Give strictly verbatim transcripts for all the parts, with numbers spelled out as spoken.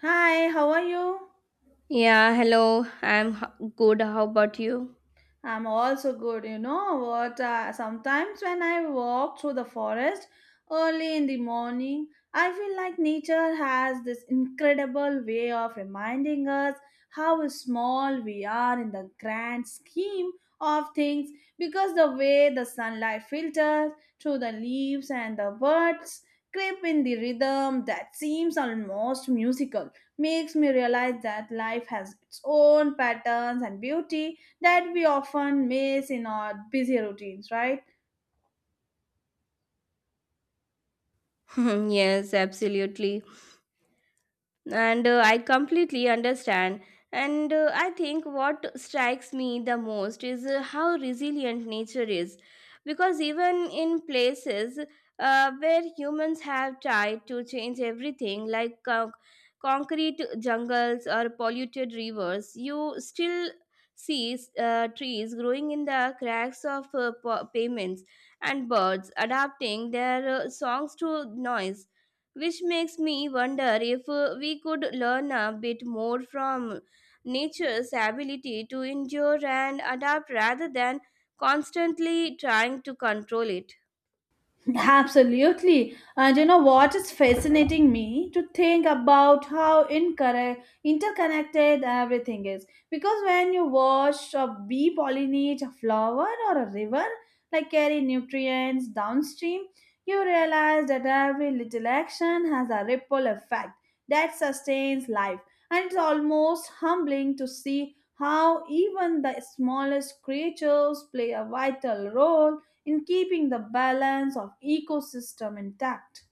Hi, how are you? Yeah, hello. I'm h- good. How about you? I'm also good, you know what? Uh, sometimes when I walk through the forest early in the morning, I feel like nature has this incredible way of reminding us how small we are in the grand scheme of things, because the way the sunlight filters through the leaves and the birds creep in the rhythm that seems almost musical makes me realize that life has its own patterns and beauty that we often miss in our busy routines, right? Yes, absolutely. and uh, I completely understand, and uh, I think what strikes me the most is uh, how resilient nature is, because even in places uh, where humans have tried to change everything, like con- concrete jungles or polluted rivers, you still see uh, trees growing in the cracks of uh, pa- pavements, and birds adapting their uh, songs to noise, which makes me wonder if uh, we could learn a bit more from nature's ability to endure and adapt rather than constantly trying to control it. Absolutely. And you know what is fascinating me to think about how incorrect, interconnected everything is. Because when you watch a bee pollinate a flower or a river, like carry nutrients downstream, you realize that every little action has a ripple effect that sustains life. And it's almost humbling to see how even the smallest creatures play a vital role in keeping the balance of ecosystem intact.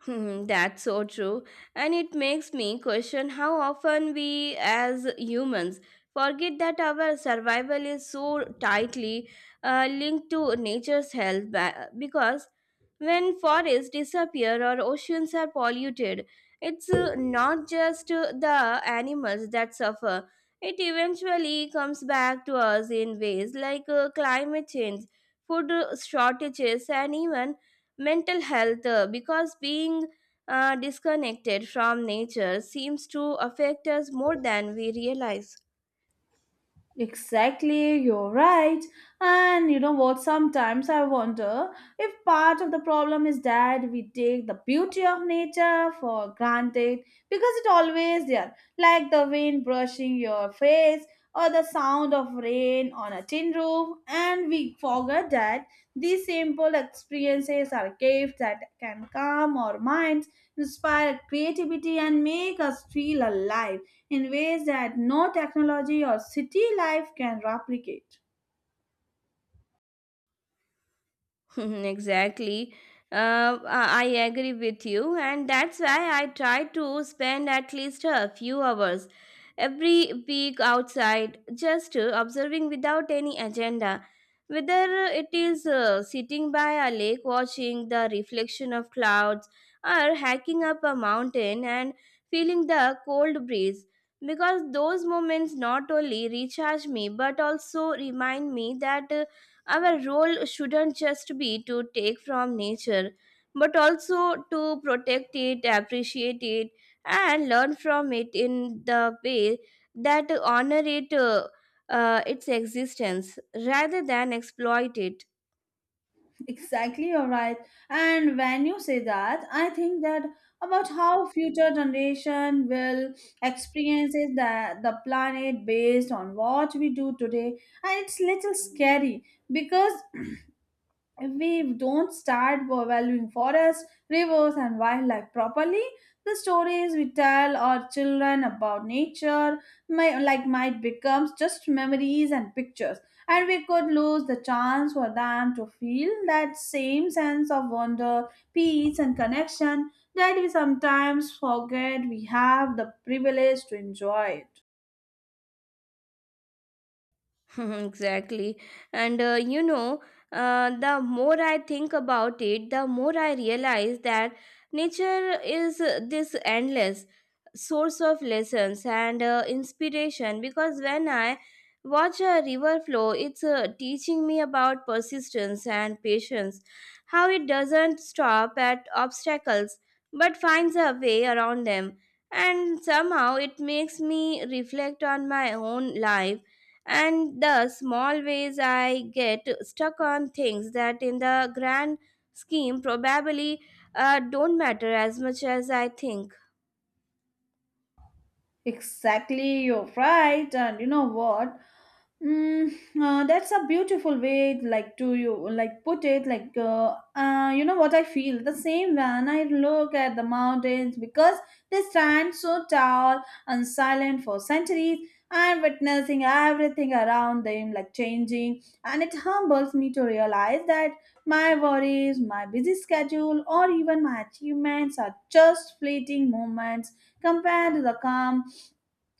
Hmm, that's so true. And it makes me question how often we as humans forget that our survival is so tightly uh, linked to nature's health, ba- because when forests disappear or oceans are polluted, it's uh, not just uh, the animals that suffer. It eventually comes back to us in ways like uh, climate change, food uh, shortages, and even mental health, uh, because being uh, disconnected from nature seems to affect us more than we realize. Exactly, you're right. And you know what? Sometimes I wonder if part of the problem is that we take the beauty of nature for granted because it always there, like the wind brushing your face or the sound of rain on a tin roof, and we forget that these simple experiences are gifts that can calm our minds, inspire creativity, and make us feel alive in ways that no technology or city life can replicate. Exactly. Uh, I I agree with you, and that's why I try to spend at least a few hours every week outside, just uh, observing without any agenda. Whether it is uh, sitting by a lake watching the reflection of clouds, or hiking up a mountain and feeling the cold breeze, because those moments not only recharge me but also remind me that uh, our role shouldn't just be to take from nature, but also to protect it, appreciate it, and learn from it in the way that honor it, uh, uh, its existence rather than exploit it. Exactly, you're right. And when you say that, I think that about how future generation will experiences the, the planet based on what we do today. And it's little scary, because if we don't start valuing forests, rivers, and wildlife properly, the stories we tell our children about nature might, like might become just memories and pictures, and we could lose the chance for them to feel that same sense of wonder, peace, and connection that we sometimes forget we have the privilege to enjoy it. Exactly. And uh, you know, uh, the more I think about it, the more I realize that nature is uh, this endless source of lessons and uh, inspiration, because when I watch a river flow, it's uh, teaching me about persistence and patience, how it doesn't stop at obstacles but finds a way around them. And somehow it makes me reflect on my own life and the small ways I get stuck on things that in the grand scheme probably uh, don't matter as much as I think. Exactly, you're right, and you know what? Mm, uh, that's a beautiful way, like to you, like put it, like uh, uh, you know what, I feel the same when I look at the mountains, because they stand so tall and silent for centuries. I'm witnessing everything around them, like changing, and it humbles me to realize that my worries, my busy schedule, or even my achievements are just fleeting moments compared to the calm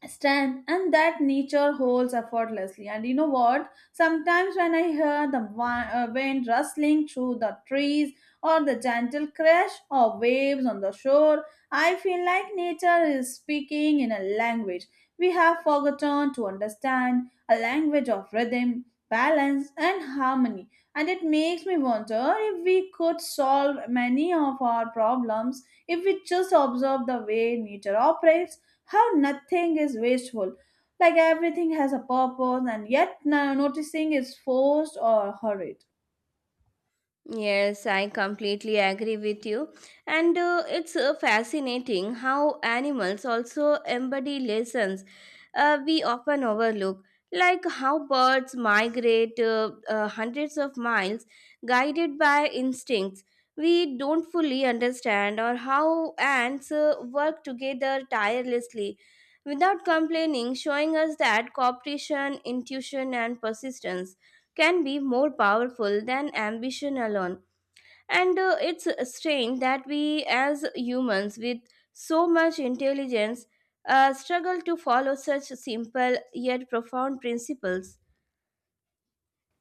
strength and that nature holds effortlessly. And you know what, sometimes when I hear the wi- uh, wind rustling through the trees or the gentle crash of waves on the shore, I feel like nature is speaking in a language we have forgotten to understand, a language of rhythm, balance, and harmony. And it makes me wonder if we could solve many of our problems if we just observe the way nature operates, how nothing is wasteful, like everything has a purpose, and yet no- noticing is forced or hurried. Yes, I completely agree with you. And uh, it's uh, fascinating how animals also embody lessons uh, we often overlook, like how birds migrate uh, uh, hundreds of miles guided by instincts we don't fully understand, or how ants uh, work together tirelessly without complaining, showing us that cooperation, intuition, and persistence can be more powerful than ambition alone. And uh, it's strange that we, as humans with so much intelligence, uh, struggle to follow such simple yet profound principles.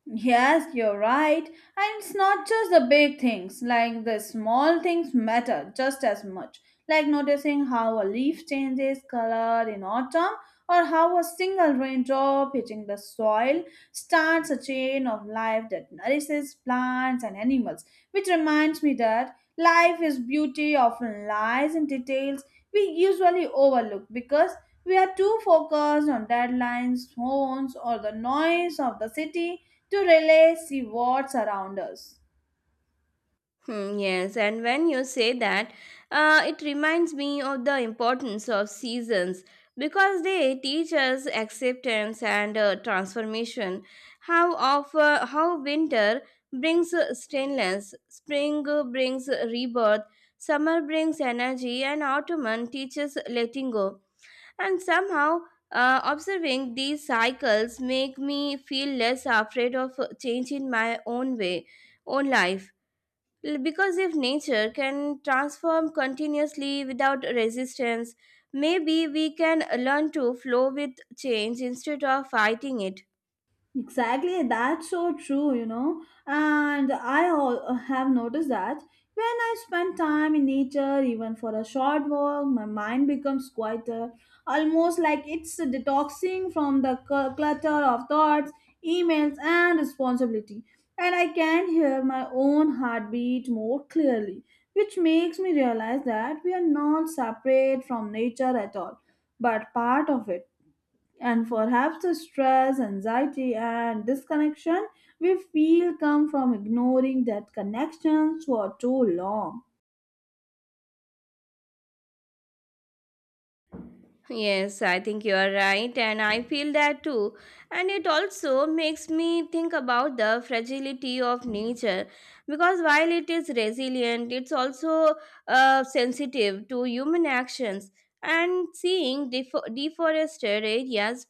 Yes, you're right, and it's not just the big things, like the small things matter just as much, like noticing how a leaf changes color in autumn or how a single raindrop hitting the soil starts a chain of life that nourishes plants and animals, which reminds me that life is beauty often lies in details we usually overlook because we are too focused on deadlines, phones, or the noise of the city to really see what's around us. Hmm, yes, and when you say that, uh, it reminds me of the importance of seasons because they teach us acceptance and uh, transformation. How of uh, how winter brings uh, stillness, spring uh, brings rebirth, summer brings energy, and autumn teaches letting go. And somehow, uh, observing these cycles make me feel less afraid of uh, change in my own way, own life. L- Because if nature can transform continuously without resistance, maybe we can learn to flow with change instead of fighting it. Exactly, that's so true, you know. And I al- have noticed that when I spend time in nature, even for a short walk, my mind becomes quieter, almost like it's detoxing from the cl- clutter of thoughts, emails, and responsibility. And I can hear my own heartbeat more clearly, which makes me realize that we are not separate from nature at all, but part of it, and perhaps the stress, anxiety, and disconnection we feel come from ignoring that connection for too long. Yes, I think you are right, and I feel that too. And it also makes me think about the fragility of nature, because while it is resilient, it's also uh, sensitive to human actions. And seeing defo- deforested areas,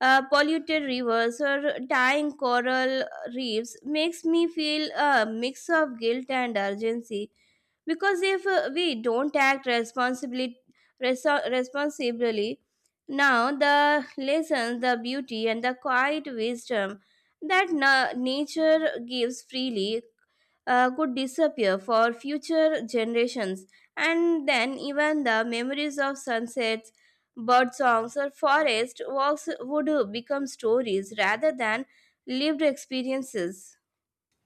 uh, polluted rivers, or dying coral reefs makes me feel a mix of guilt and urgency, because if uh, we don't act responsibly reso- responsibly now, the lessons, the beauty, and the quiet wisdom that na- nature gives freely uh, could disappear for future generations, and then even the memories of sunsets, bird songs, or forest walks would become stories rather than lived experiences.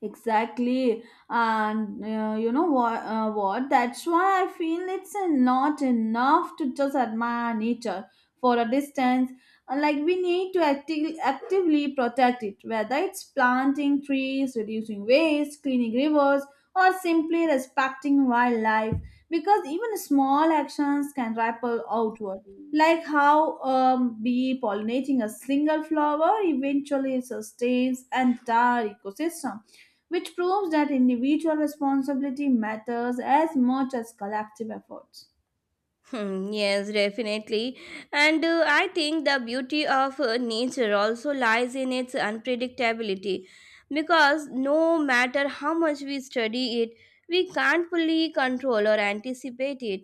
Exactly, and uh, you know what? Uh, what? That's why I feel it's uh, not enough to just admire nature for a distance. Uh, Like we need to acti- actively protect it, whether it's planting trees, reducing waste, cleaning rivers, or simply respecting wildlife. Because even small actions can ripple outward, like how um, bee pollinating a single flower eventually sustains entire ecosystem, which proves that individual responsibility matters as much as collective efforts. Hmm, yes, definitely. And uh, I think the beauty of uh, nature also lies in its unpredictability, because no matter how much we study it, we can't fully control or anticipate it.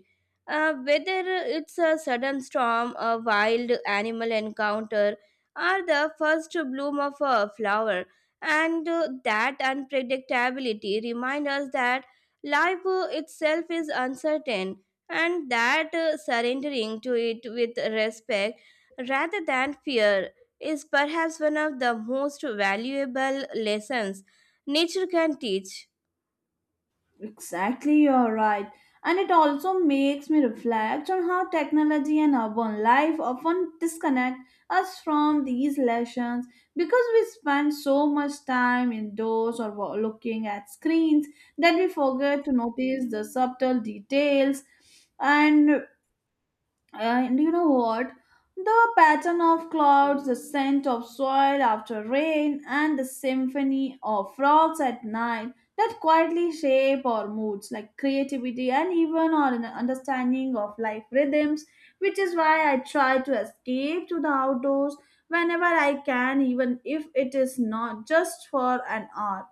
Uh, whether it's a sudden storm, a wild animal encounter, or the first bloom of a flower. And uh, that unpredictability reminds us that life uh, itself is uncertain, and that uh, surrendering to it with respect rather than fear is perhaps one of the most valuable lessons nature can teach. Exactly, you're right. And it also makes me reflect on how technology and urban life often disconnect us from these lessons because we spend so much time indoors or wa- looking at screens that we forget to notice the subtle details and And you know what? The pattern of clouds, the scent of soil after rain, and the symphony of frogs at night that quietly shape our moods, like creativity and even our un- understanding of life rhythms, which is why I try to escape to the outdoors whenever I can, even if it is not just for an hour.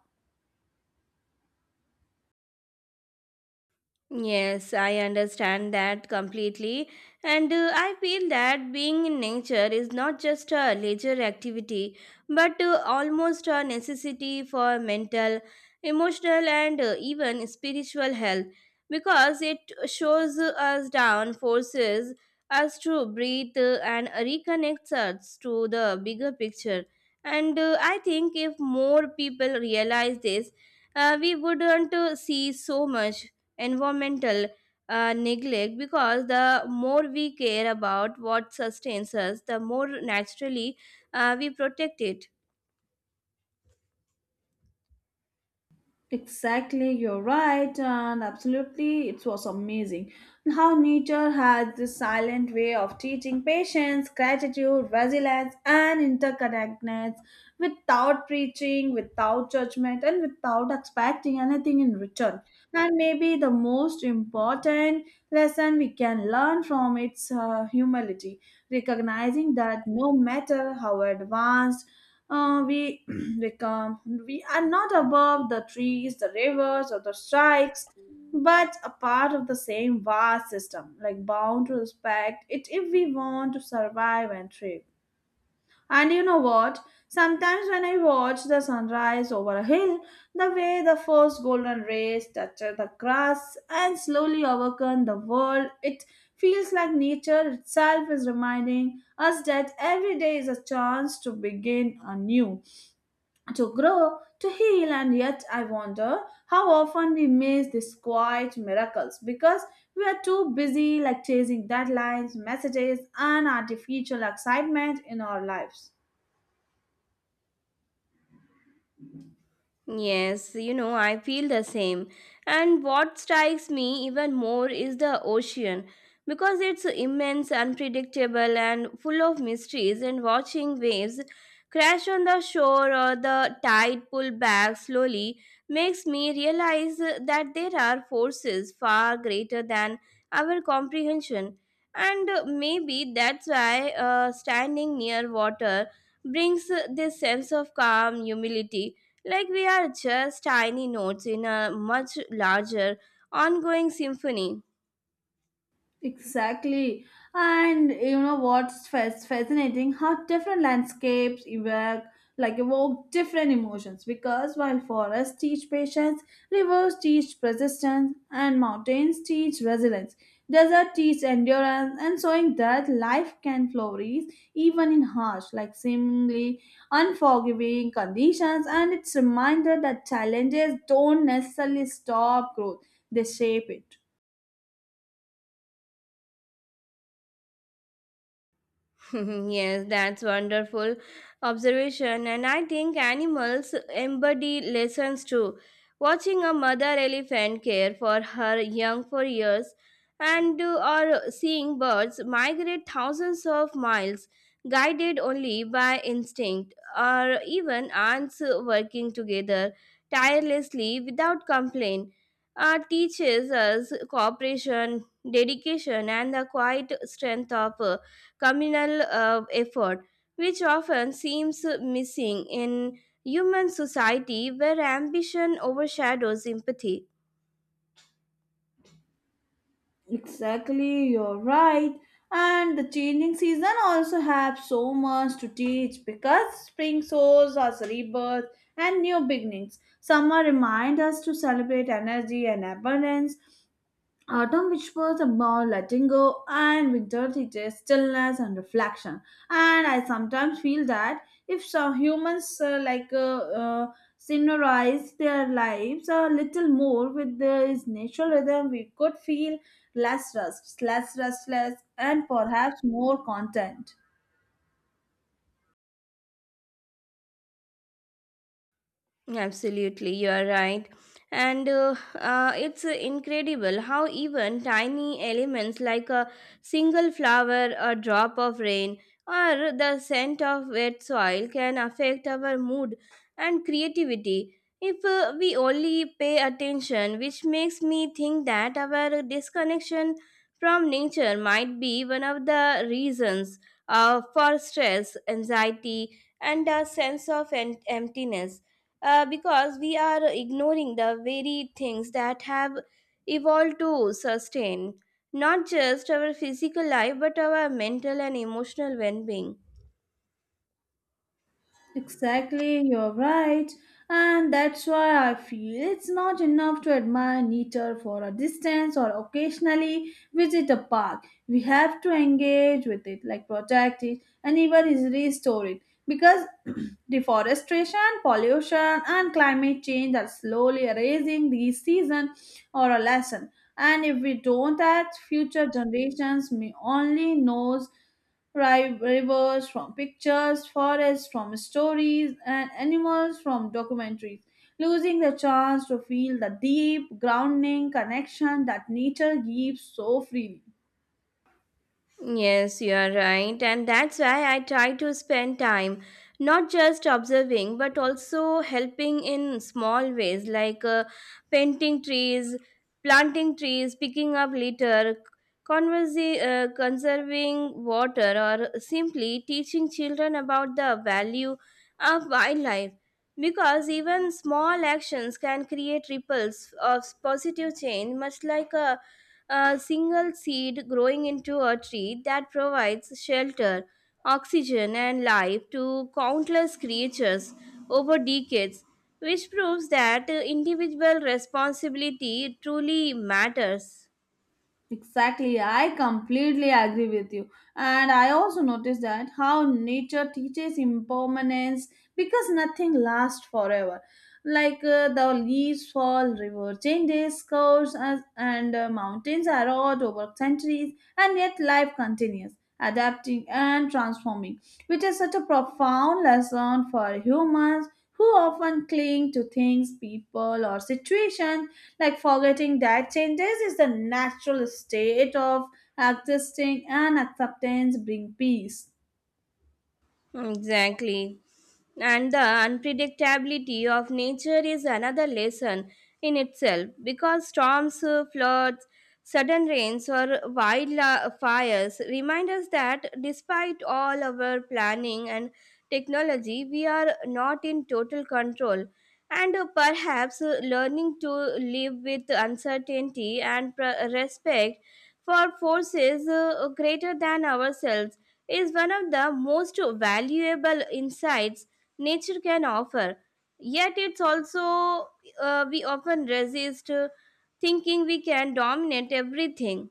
Yes, I understand that completely. And uh, I feel that being in nature is not just a leisure activity, but uh, almost a necessity for mental, emotional, and uh, even spiritual health, because it shows us down, forces us to breathe uh, and reconnects us to the bigger picture. And uh, I think if more people realize this, uh, we wouldn't uh, see so much environmental uh, neglect, because the more we care about what sustains us, the more naturally uh, we protect it. Exactly, you're right, and absolutely, it was amazing how nature has this silent way of teaching patience, gratitude, resilience, and interconnectedness without preaching, without judgment, and without expecting anything in return. And maybe the most important lesson we can learn from its uh, humility, recognizing that no matter how advanced uh, we become, we are not above the trees, the rivers, or the strikes, but a part of the same vast system, like bound to respect it if we want to survive and thrive. And you know what, sometimes when I watch the sunrise over a hill, the way the first golden rays touch the grass and slowly overcome the world, it feels like nature itself is reminding us that every day is a chance to begin anew, to grow, to heal, and yet I wonder how often we miss these quiet miracles because we are too busy, like chasing deadlines, messages, and artificial excitement in our lives. Yes, you know, I feel the same. And what strikes me even more is the ocean, because it's immense, unpredictable, and full of mysteries. And watching waves crash on the shore or the tide pull back slowly makes me realize that there are forces far greater than our comprehension. And maybe that's why uh, standing near water brings this sense of calm, humility, like we are just tiny notes in a much larger, ongoing symphony. Exactly. And you know what's fas- fascinating? How different landscapes evoke like evoke different emotions, because while forests teach patience, rivers teach persistence, and mountains teach resilience. Desert teach endurance and showing that life can flourish even in harsh, like seemingly unforgiving conditions, and it's a reminder that challenges don't necessarily stop growth, they shape it. Yes, that's wonderful observation, and I think animals embody lessons too. Watching a mother elephant care for her young for years, and uh, or seeing birds migrate thousands of miles, guided only by instinct, or even ants working together tirelessly without complaint, uh, teaches us cooperation, dedication, and the quiet strength of communal uh, effort, which often seems missing in human society where ambition overshadows empathy. Exactly, you're right. And the changing season also have so much to teach because spring shows us rebirth and new beginnings. Summer reminds us to celebrate energy and abundance, autumn, which was about letting go, and winter teaches stillness and reflection. And I sometimes feel that if some humans uh, like uh, uh, synchronize their lives a little more with this natural rhythm, we could feel less rust, less restless, and perhaps more content. Absolutely, you are right. And uh, uh, it's uh, incredible how even tiny elements like a single flower, a drop of rain, or the scent of wet soil can affect our mood and creativity if uh, we only pay attention, which makes me think that our disconnection from nature might be one of the reasons uh, for stress, anxiety, and a sense of en- emptiness, uh, because we are ignoring the very things that have evolved to sustain not just our physical life but our mental and emotional well being. Exactly, you're right. And that's why I feel it's not enough to admire nature for a distance or occasionally visit a park. We have to engage with it, like protect it, and even is restore it. Because deforestation, pollution, and climate change are slowly erasing this season or a lesson. And if we don't act, future generations may only knows Ri- rivers from pictures, forests from stories, and animals from documentaries, losing the chance to feel the deep, grounding connection that nature gives so freely. Yes, you are right. And that's why I try to spend time not just observing but also helping in small ways, like uh, painting trees, planting trees, picking up litter, conversi- uh, conserving water, or simply teaching children about the value of wildlife. Because even small actions can create ripples of positive change, much like a, a single seed growing into a tree that provides shelter, oxygen, and life to countless creatures over decades, which proves that uh, individual responsibility truly matters. Exactly, I completely agree with you. And I also noticed that how nature teaches impermanence, because nothing lasts forever. Like uh, the leaves fall, river changes course, as, and uh, mountains erode over centuries, and yet life continues, adapting and transforming, which is such a profound lesson for humans who often cling to things, people, or situations, like forgetting that changes is the natural state of existing and acceptance bring peace. Exactly. And the unpredictability of nature is another lesson in itself, because storms, uh, floods, sudden rains, or wildfires remind us that despite all our planning and technology, we are not in total control. And uh, perhaps uh, learning to live with uncertainty and pr- respect for forces uh, greater than ourselves is one of the most valuable insights nature can offer. Yet, it's also uh, we often resist uh, thinking we can dominate everything.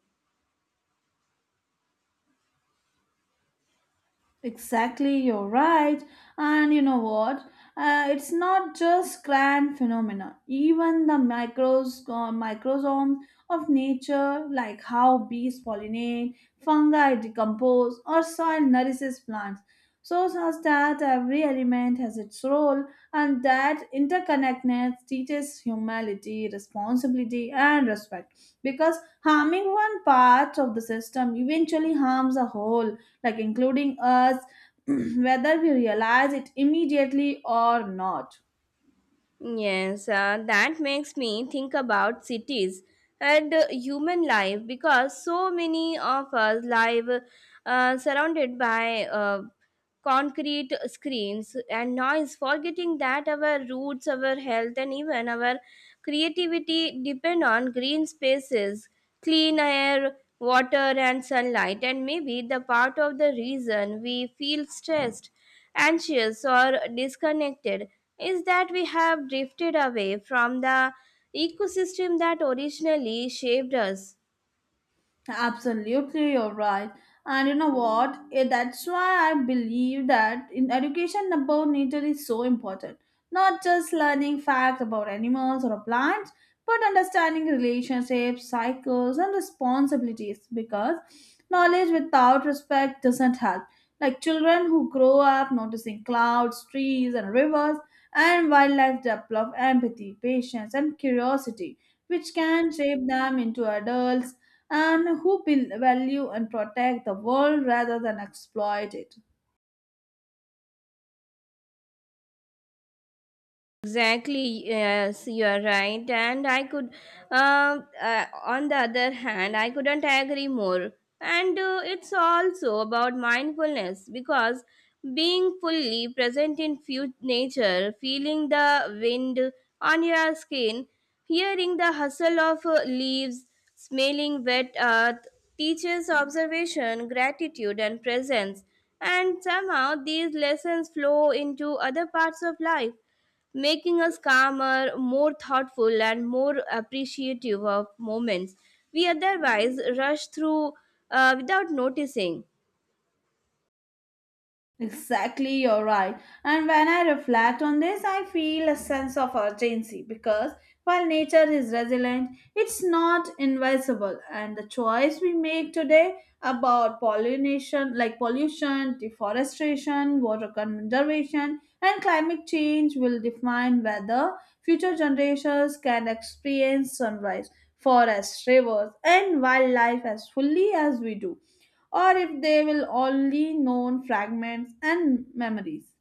Exactly, you're right. And you know what? Uh, it's not just grand phenomena. Even the micros, uh, microsome of nature, like how bees pollinate, fungi decompose, or soil nourishes plants, shows us that every element has its role, and that interconnectedness teaches humility, responsibility, and respect. Because harming one part of the system eventually harms the whole, like including us, whether we realize it immediately or not. Yes, uh, that makes me think about cities and uh, human life, because so many of us live uh, surrounded by uh, concrete screens and noise, forgetting that our roots, our health, and even our creativity depend on green spaces, clean air, water, and sunlight. And maybe the part of the reason we feel stressed, anxious, or disconnected is that we have drifted away from the ecosystem that originally shaped us. Absolutely, you're right. And you know what? Eh, That's why I believe that in education about nature is so important. Not just learning facts about animals or plants, but understanding relationships, cycles, and responsibilities, because knowledge without respect doesn't help. Like children who grow up noticing clouds, trees, and rivers, and wildlife develop empathy, patience, and curiosity, which can shape them into adults and who will value and protect the world rather than exploit it. Exactly, yes, you are right. And I could, uh, uh, on the other hand, I couldn't agree more. And uh, it's also about mindfulness, because being fully present in fu- nature, feeling the wind on your skin, hearing the hustle of uh, leaves, smelling wet earth, teaches observation, gratitude, and presence. And somehow these lessons flow into other parts of life, making us calmer, more thoughtful, and more appreciative of moments we otherwise rush through uh, without noticing. Exactly, you're right. And when I reflect on this, I feel a sense of urgency, because while nature is resilient, it's not invisible. And the choice we make today about pollination, like pollution, deforestation, water conservation, and climate change, will define whether future generations can experience sunrise, forests, rivers, and wildlife as fully as we do, or if they will only known fragments and memories.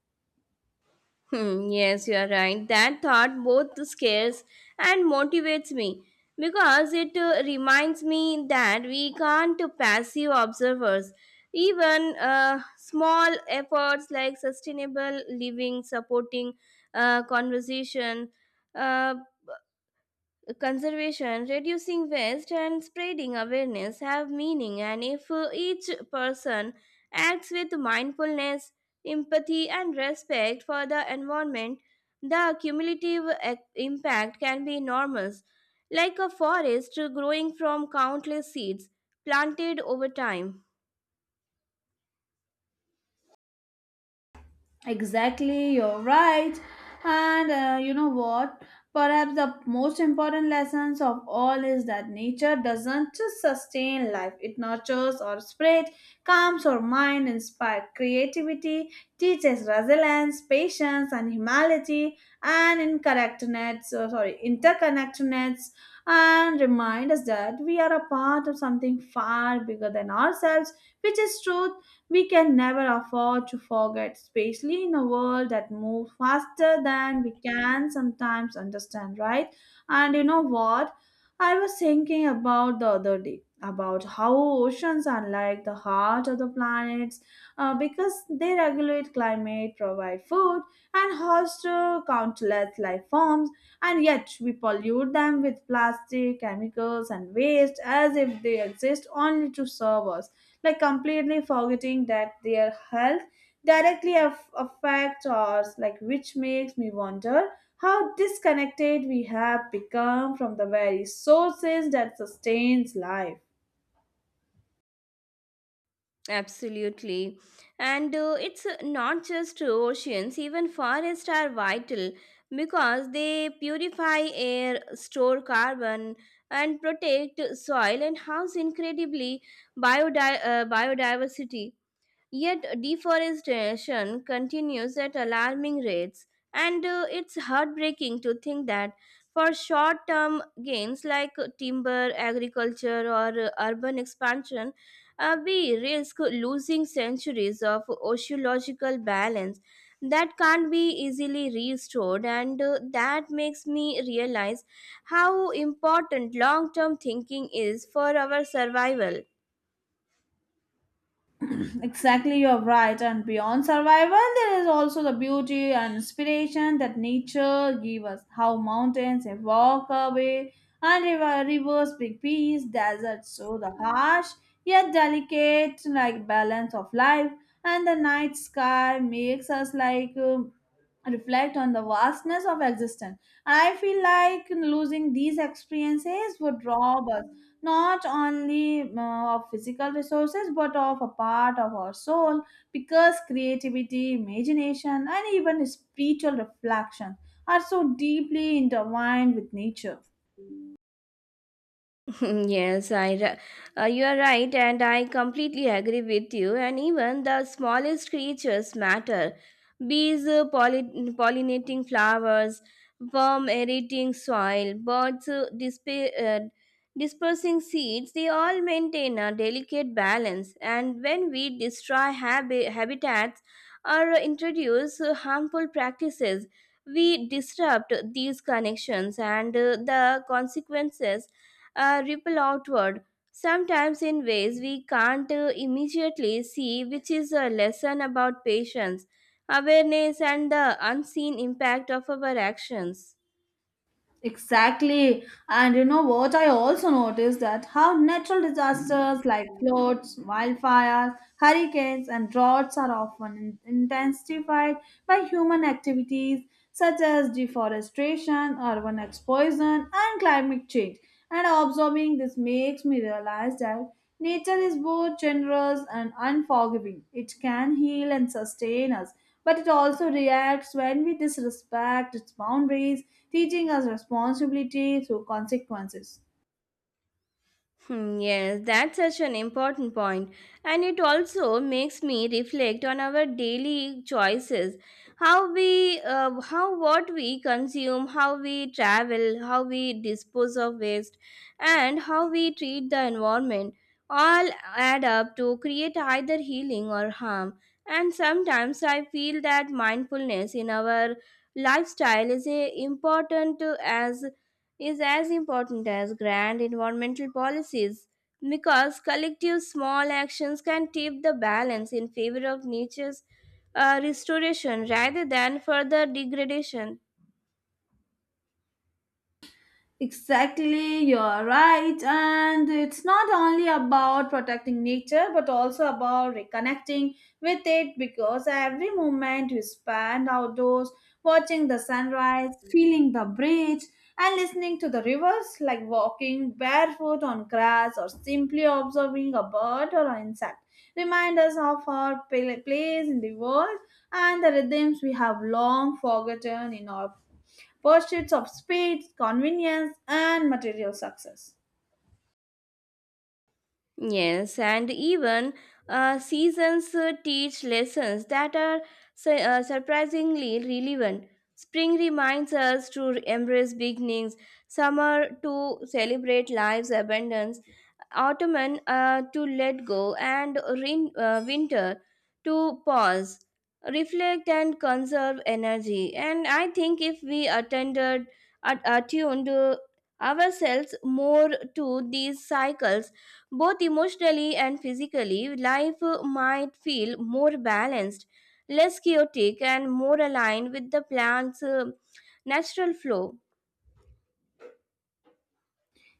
Hmm, yes, you are right. That thought both scares and motivates me, because it uh, reminds me that we can't passive observers. Even uh, small efforts like sustainable living, supporting uh, conversation, uh, conservation, reducing waste, and spreading awareness have meaning, and if uh, each person acts with mindfulness, empathy, and respect for the environment, the cumulative e- impact can be enormous, like a forest growing from countless seeds planted over time. Exactly, you're right. And uh, you know what? Perhaps the most important lessons of all is that nature doesn't just sustain life, it nurtures or spreads, calms our mind, inspires creativity, teaches resilience, patience, and humility, and interconnectedness, uh, sorry, interconnectedness, and remind us that we are a part of something far bigger than ourselves, which is truth we can never afford to forget, especially in a world that moves faster than we can sometimes understand, right? And you know what? I was thinking about the other day about how oceans are like the heart of the planets uh, because they regulate climate, provide food, and host uh, countless life forms, and yet we pollute them with plastic, chemicals, and waste as if they exist only to serve us, like completely forgetting that their health directly aff- affects ours, like which makes me wonder how disconnected we have become from the very sources that sustains life. Absolutely. And uh, it's uh, not just oceans, even forests are vital, because they purify air, store carbon, and protect soil and house incredibly biodi- uh, biodiversity. Yet deforestation continues at alarming rates, and uh, it's heartbreaking to think that for short term gains like timber, agriculture, or uh, urban expansion, uh, we risk losing centuries of oceological balance that can't be easily restored, and uh, that makes me realize how important long term thinking is for our survival. Exactly, you're right. And beyond survival, there is also the beauty and inspiration that nature gives us. How mountains evoke away, and river, rivers bring peace, deserts show the harsh yet delicate like balance of life, and the night sky makes us like um, reflect on the vastness of existence. And I feel like losing these experiences would rob us not only uh, of physical resources but of a part of our soul because creativity, imagination, and even spiritual reflection are so deeply intertwined with nature. yes, I ri- uh, you are right, and I completely agree with you. And even the smallest creatures matter. Bees uh, polli- pollinating flowers, worm aerating soil, birds uh, dispa- uh, dispersing seeds, they all maintain a delicate balance. And when we destroy habi- habitats or introduce uh, harmful practices, we disrupt these connections, and uh, the consequences uh, ripple outward, sometimes in ways we can't uh, immediately see, which is a lesson about patience, awareness, and the unseen impact of our actions. Exactly. And you know what? I also noticed that how natural disasters like floods, wildfires, hurricanes, and droughts are often in- intensified by human activities such as deforestation, urban expansion, and climate change. And observing this makes me realize that nature is both generous and unforgiving. It can heal and sustain us, but it also reacts when we disrespect its boundaries, teaching us responsibility through consequences. Hmm, Yes, that's such an important point, and it also makes me reflect on our daily choices, how we, uh, how what we consume, how we travel, how we dispose of waste, and how we treat the environment. All add up to create either healing or harm. And sometimes I feel that mindfulness in our lifestyle is a important uh, as is as important as grand environmental policies because collective small actions can tip the balance in favor of nature's uh, restoration rather than further degradation. Exactly, you're right. And it's not only about protecting nature but also about reconnecting with it because every moment you spend outdoors watching the sunrise, feeling the breeze, and listening to the rivers, like walking barefoot on grass or simply observing a bird or an insect, remind us of our pla- place in the world and the rhythms we have long forgotten in our pursuits of speed, convenience, and material success. Yes, and even uh, seasons uh, teach lessons that are su- uh, surprisingly relevant. Spring reminds us to embrace beginnings, summer to celebrate life's abundance, autumn uh, to let go, and rain, uh, winter to pause, reflect, and conserve energy. And I think if we attended, at, attuned uh, ourselves more to these cycles, both emotionally and physically, life uh, might feel more balanced, less chaotic, and more aligned with the plant's uh, natural flow.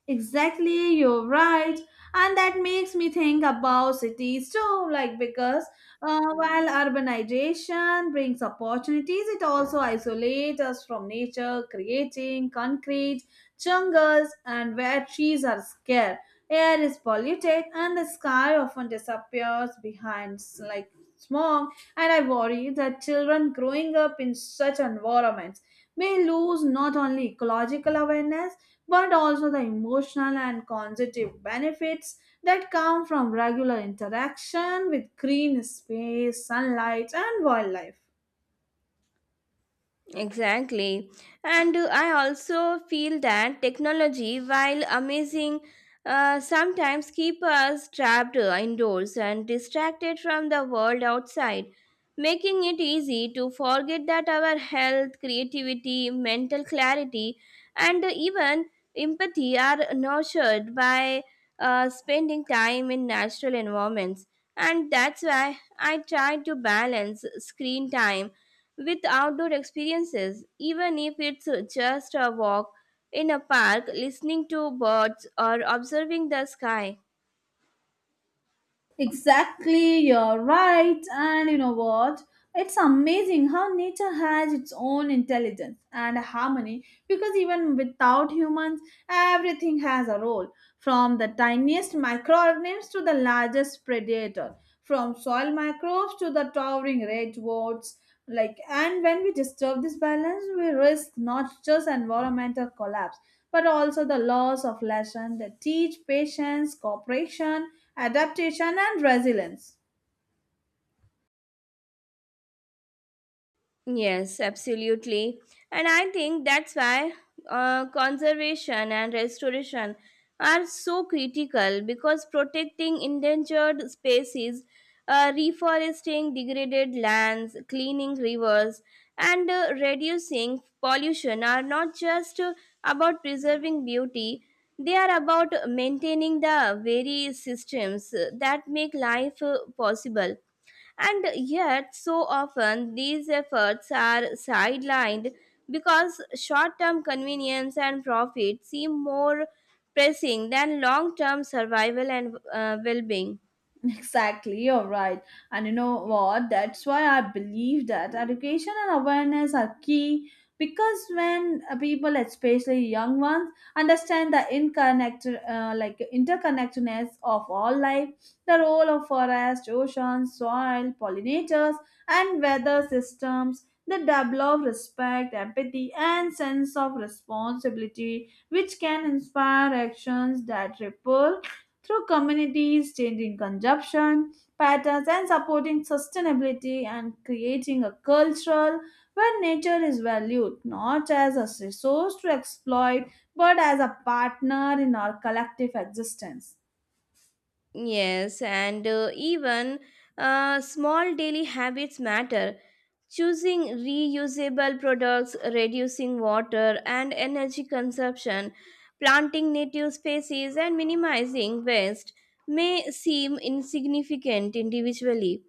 Exactly, you're right. And that makes me think about cities too, like because uh, while urbanization brings opportunities, it also isolates us from nature, creating concrete jungles and where trees are scarce. Air is polluted and the sky often disappears behind s- like smog, and I worry that children growing up in such environments may lose not only ecological awareness but also the emotional and cognitive benefits that come from regular interaction with green space, sunlight and wildlife. Exactly. And uh, I also feel that technology, while amazing, uh, sometimes keep us trapped uh, indoors and distracted from the world outside, making it easy to forget that our health, creativity, mental clarity, and even empathy are nurtured by uh, spending time in natural environments. And that's why I try to balance screen time with outdoor experiences, even if it's just a walk in a park, listening to birds, or observing the sky. Exactly, you're right. And you know what? It's amazing how nature has its own intelligence and harmony because even without humans, everything has a role from the tiniest microorganisms to the largest predator, from soil microbes to the towering redwoods. Like, and when we disturb this balance, we risk not just environmental collapse but also the loss of lessons that teach patience, cooperation, adaptation, and resilience. Yes, absolutely. And I think that's why uh, conservation and restoration are so critical because protecting endangered species, uh, reforesting degraded lands, cleaning rivers, and uh, reducing pollution are not just uh, about preserving beauty, they are about maintaining the very systems uh, that make life uh, possible. And yet, so often these efforts are sidelined because short term convenience and profit seem more pressing than long term survival and uh, well being. Exactly, you're right. And you know what? That's why I believe that education and awareness are key because when uh, people, especially young ones, understand the inconnect, uh, like interconnectedness of all life, the role of forest, oceans, soil, pollinators, and weather systems, they develop respect, empathy, and sense of responsibility, which can inspire actions that ripple through communities, changing consumption patterns, and supporting sustainability and creating a culture where nature is valued not as a resource to exploit but as a partner in our collective existence. Yes, and uh, even uh, small daily habits matter. Choosing reusable products, reducing water and energy consumption, planting native species, and minimizing waste may seem insignificant individually.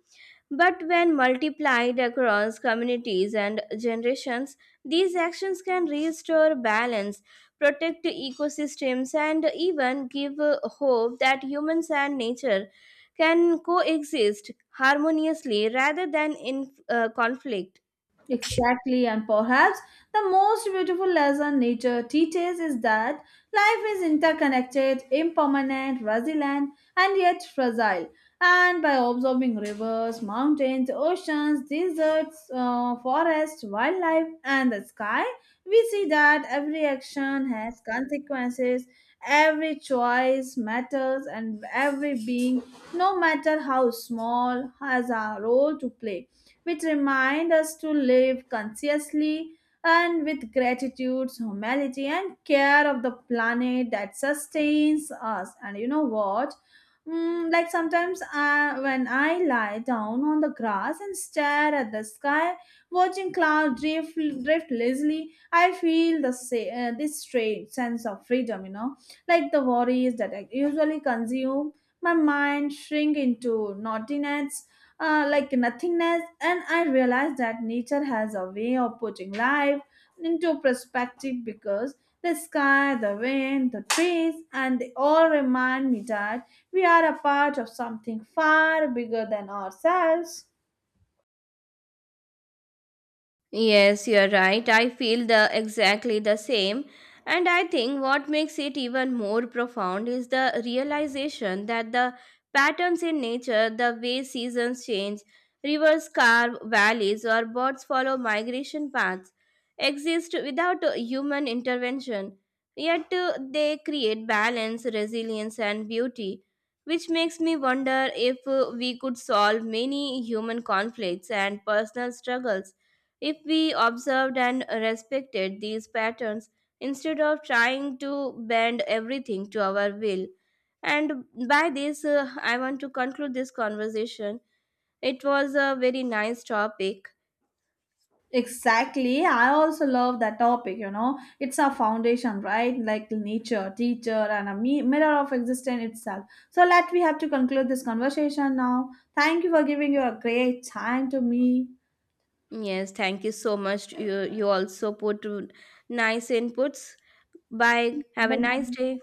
But when multiplied across communities and generations, these actions can restore balance, protect ecosystems, and even give uh, hope that humans and nature can coexist harmoniously rather than in uh, conflict. Exactly, and perhaps the most beautiful lesson nature teaches is that life is interconnected, impermanent, resilient, and yet fragile. And by observing rivers, mountains, oceans, deserts, uh, forests, wildlife, and the sky, we see that every action has consequences, every choice matters, and every being, no matter how small, has a role to play, which remind us to live consciously and with gratitude, humility, and care of the planet that sustains us. And you know what? Mm, like sometimes I, when I lie down on the grass and stare at the sky, watching clouds drift, drift lazily, I feel the sa- uh, this strange sense of freedom. You know, like the worries that I usually consume, my mind shrink into naughtiness, uh, like nothingness, and I realize that nature has a way of putting life into perspective because the sky, the wind, the trees, and they all remind me that we are a part of something far bigger than ourselves. Yes, you're right. I feel the exactly the same. And I think what makes it even more profound is the realization that the patterns in nature, the way seasons change, rivers carve valleys, or birds follow migration paths, exist without uh, human intervention. Yet uh, they create balance, resilience, and beauty, which makes me wonder if uh, we could solve many human conflicts and personal struggles if we observed and respected these patterns instead of trying to bend everything to our will, and by this, uh, I want to conclude this conversation. It was a very nice topic. Exactly. I also love that topic, you know. It's our foundation, right? Like nature, teacher, and a mi- mirror of existence itself. So let we have to conclude this conversation now. Thank you for giving your great time to me. Yes, thank you so much. You, you also put uh, nice inputs. Bye. Have a nice Bye. day.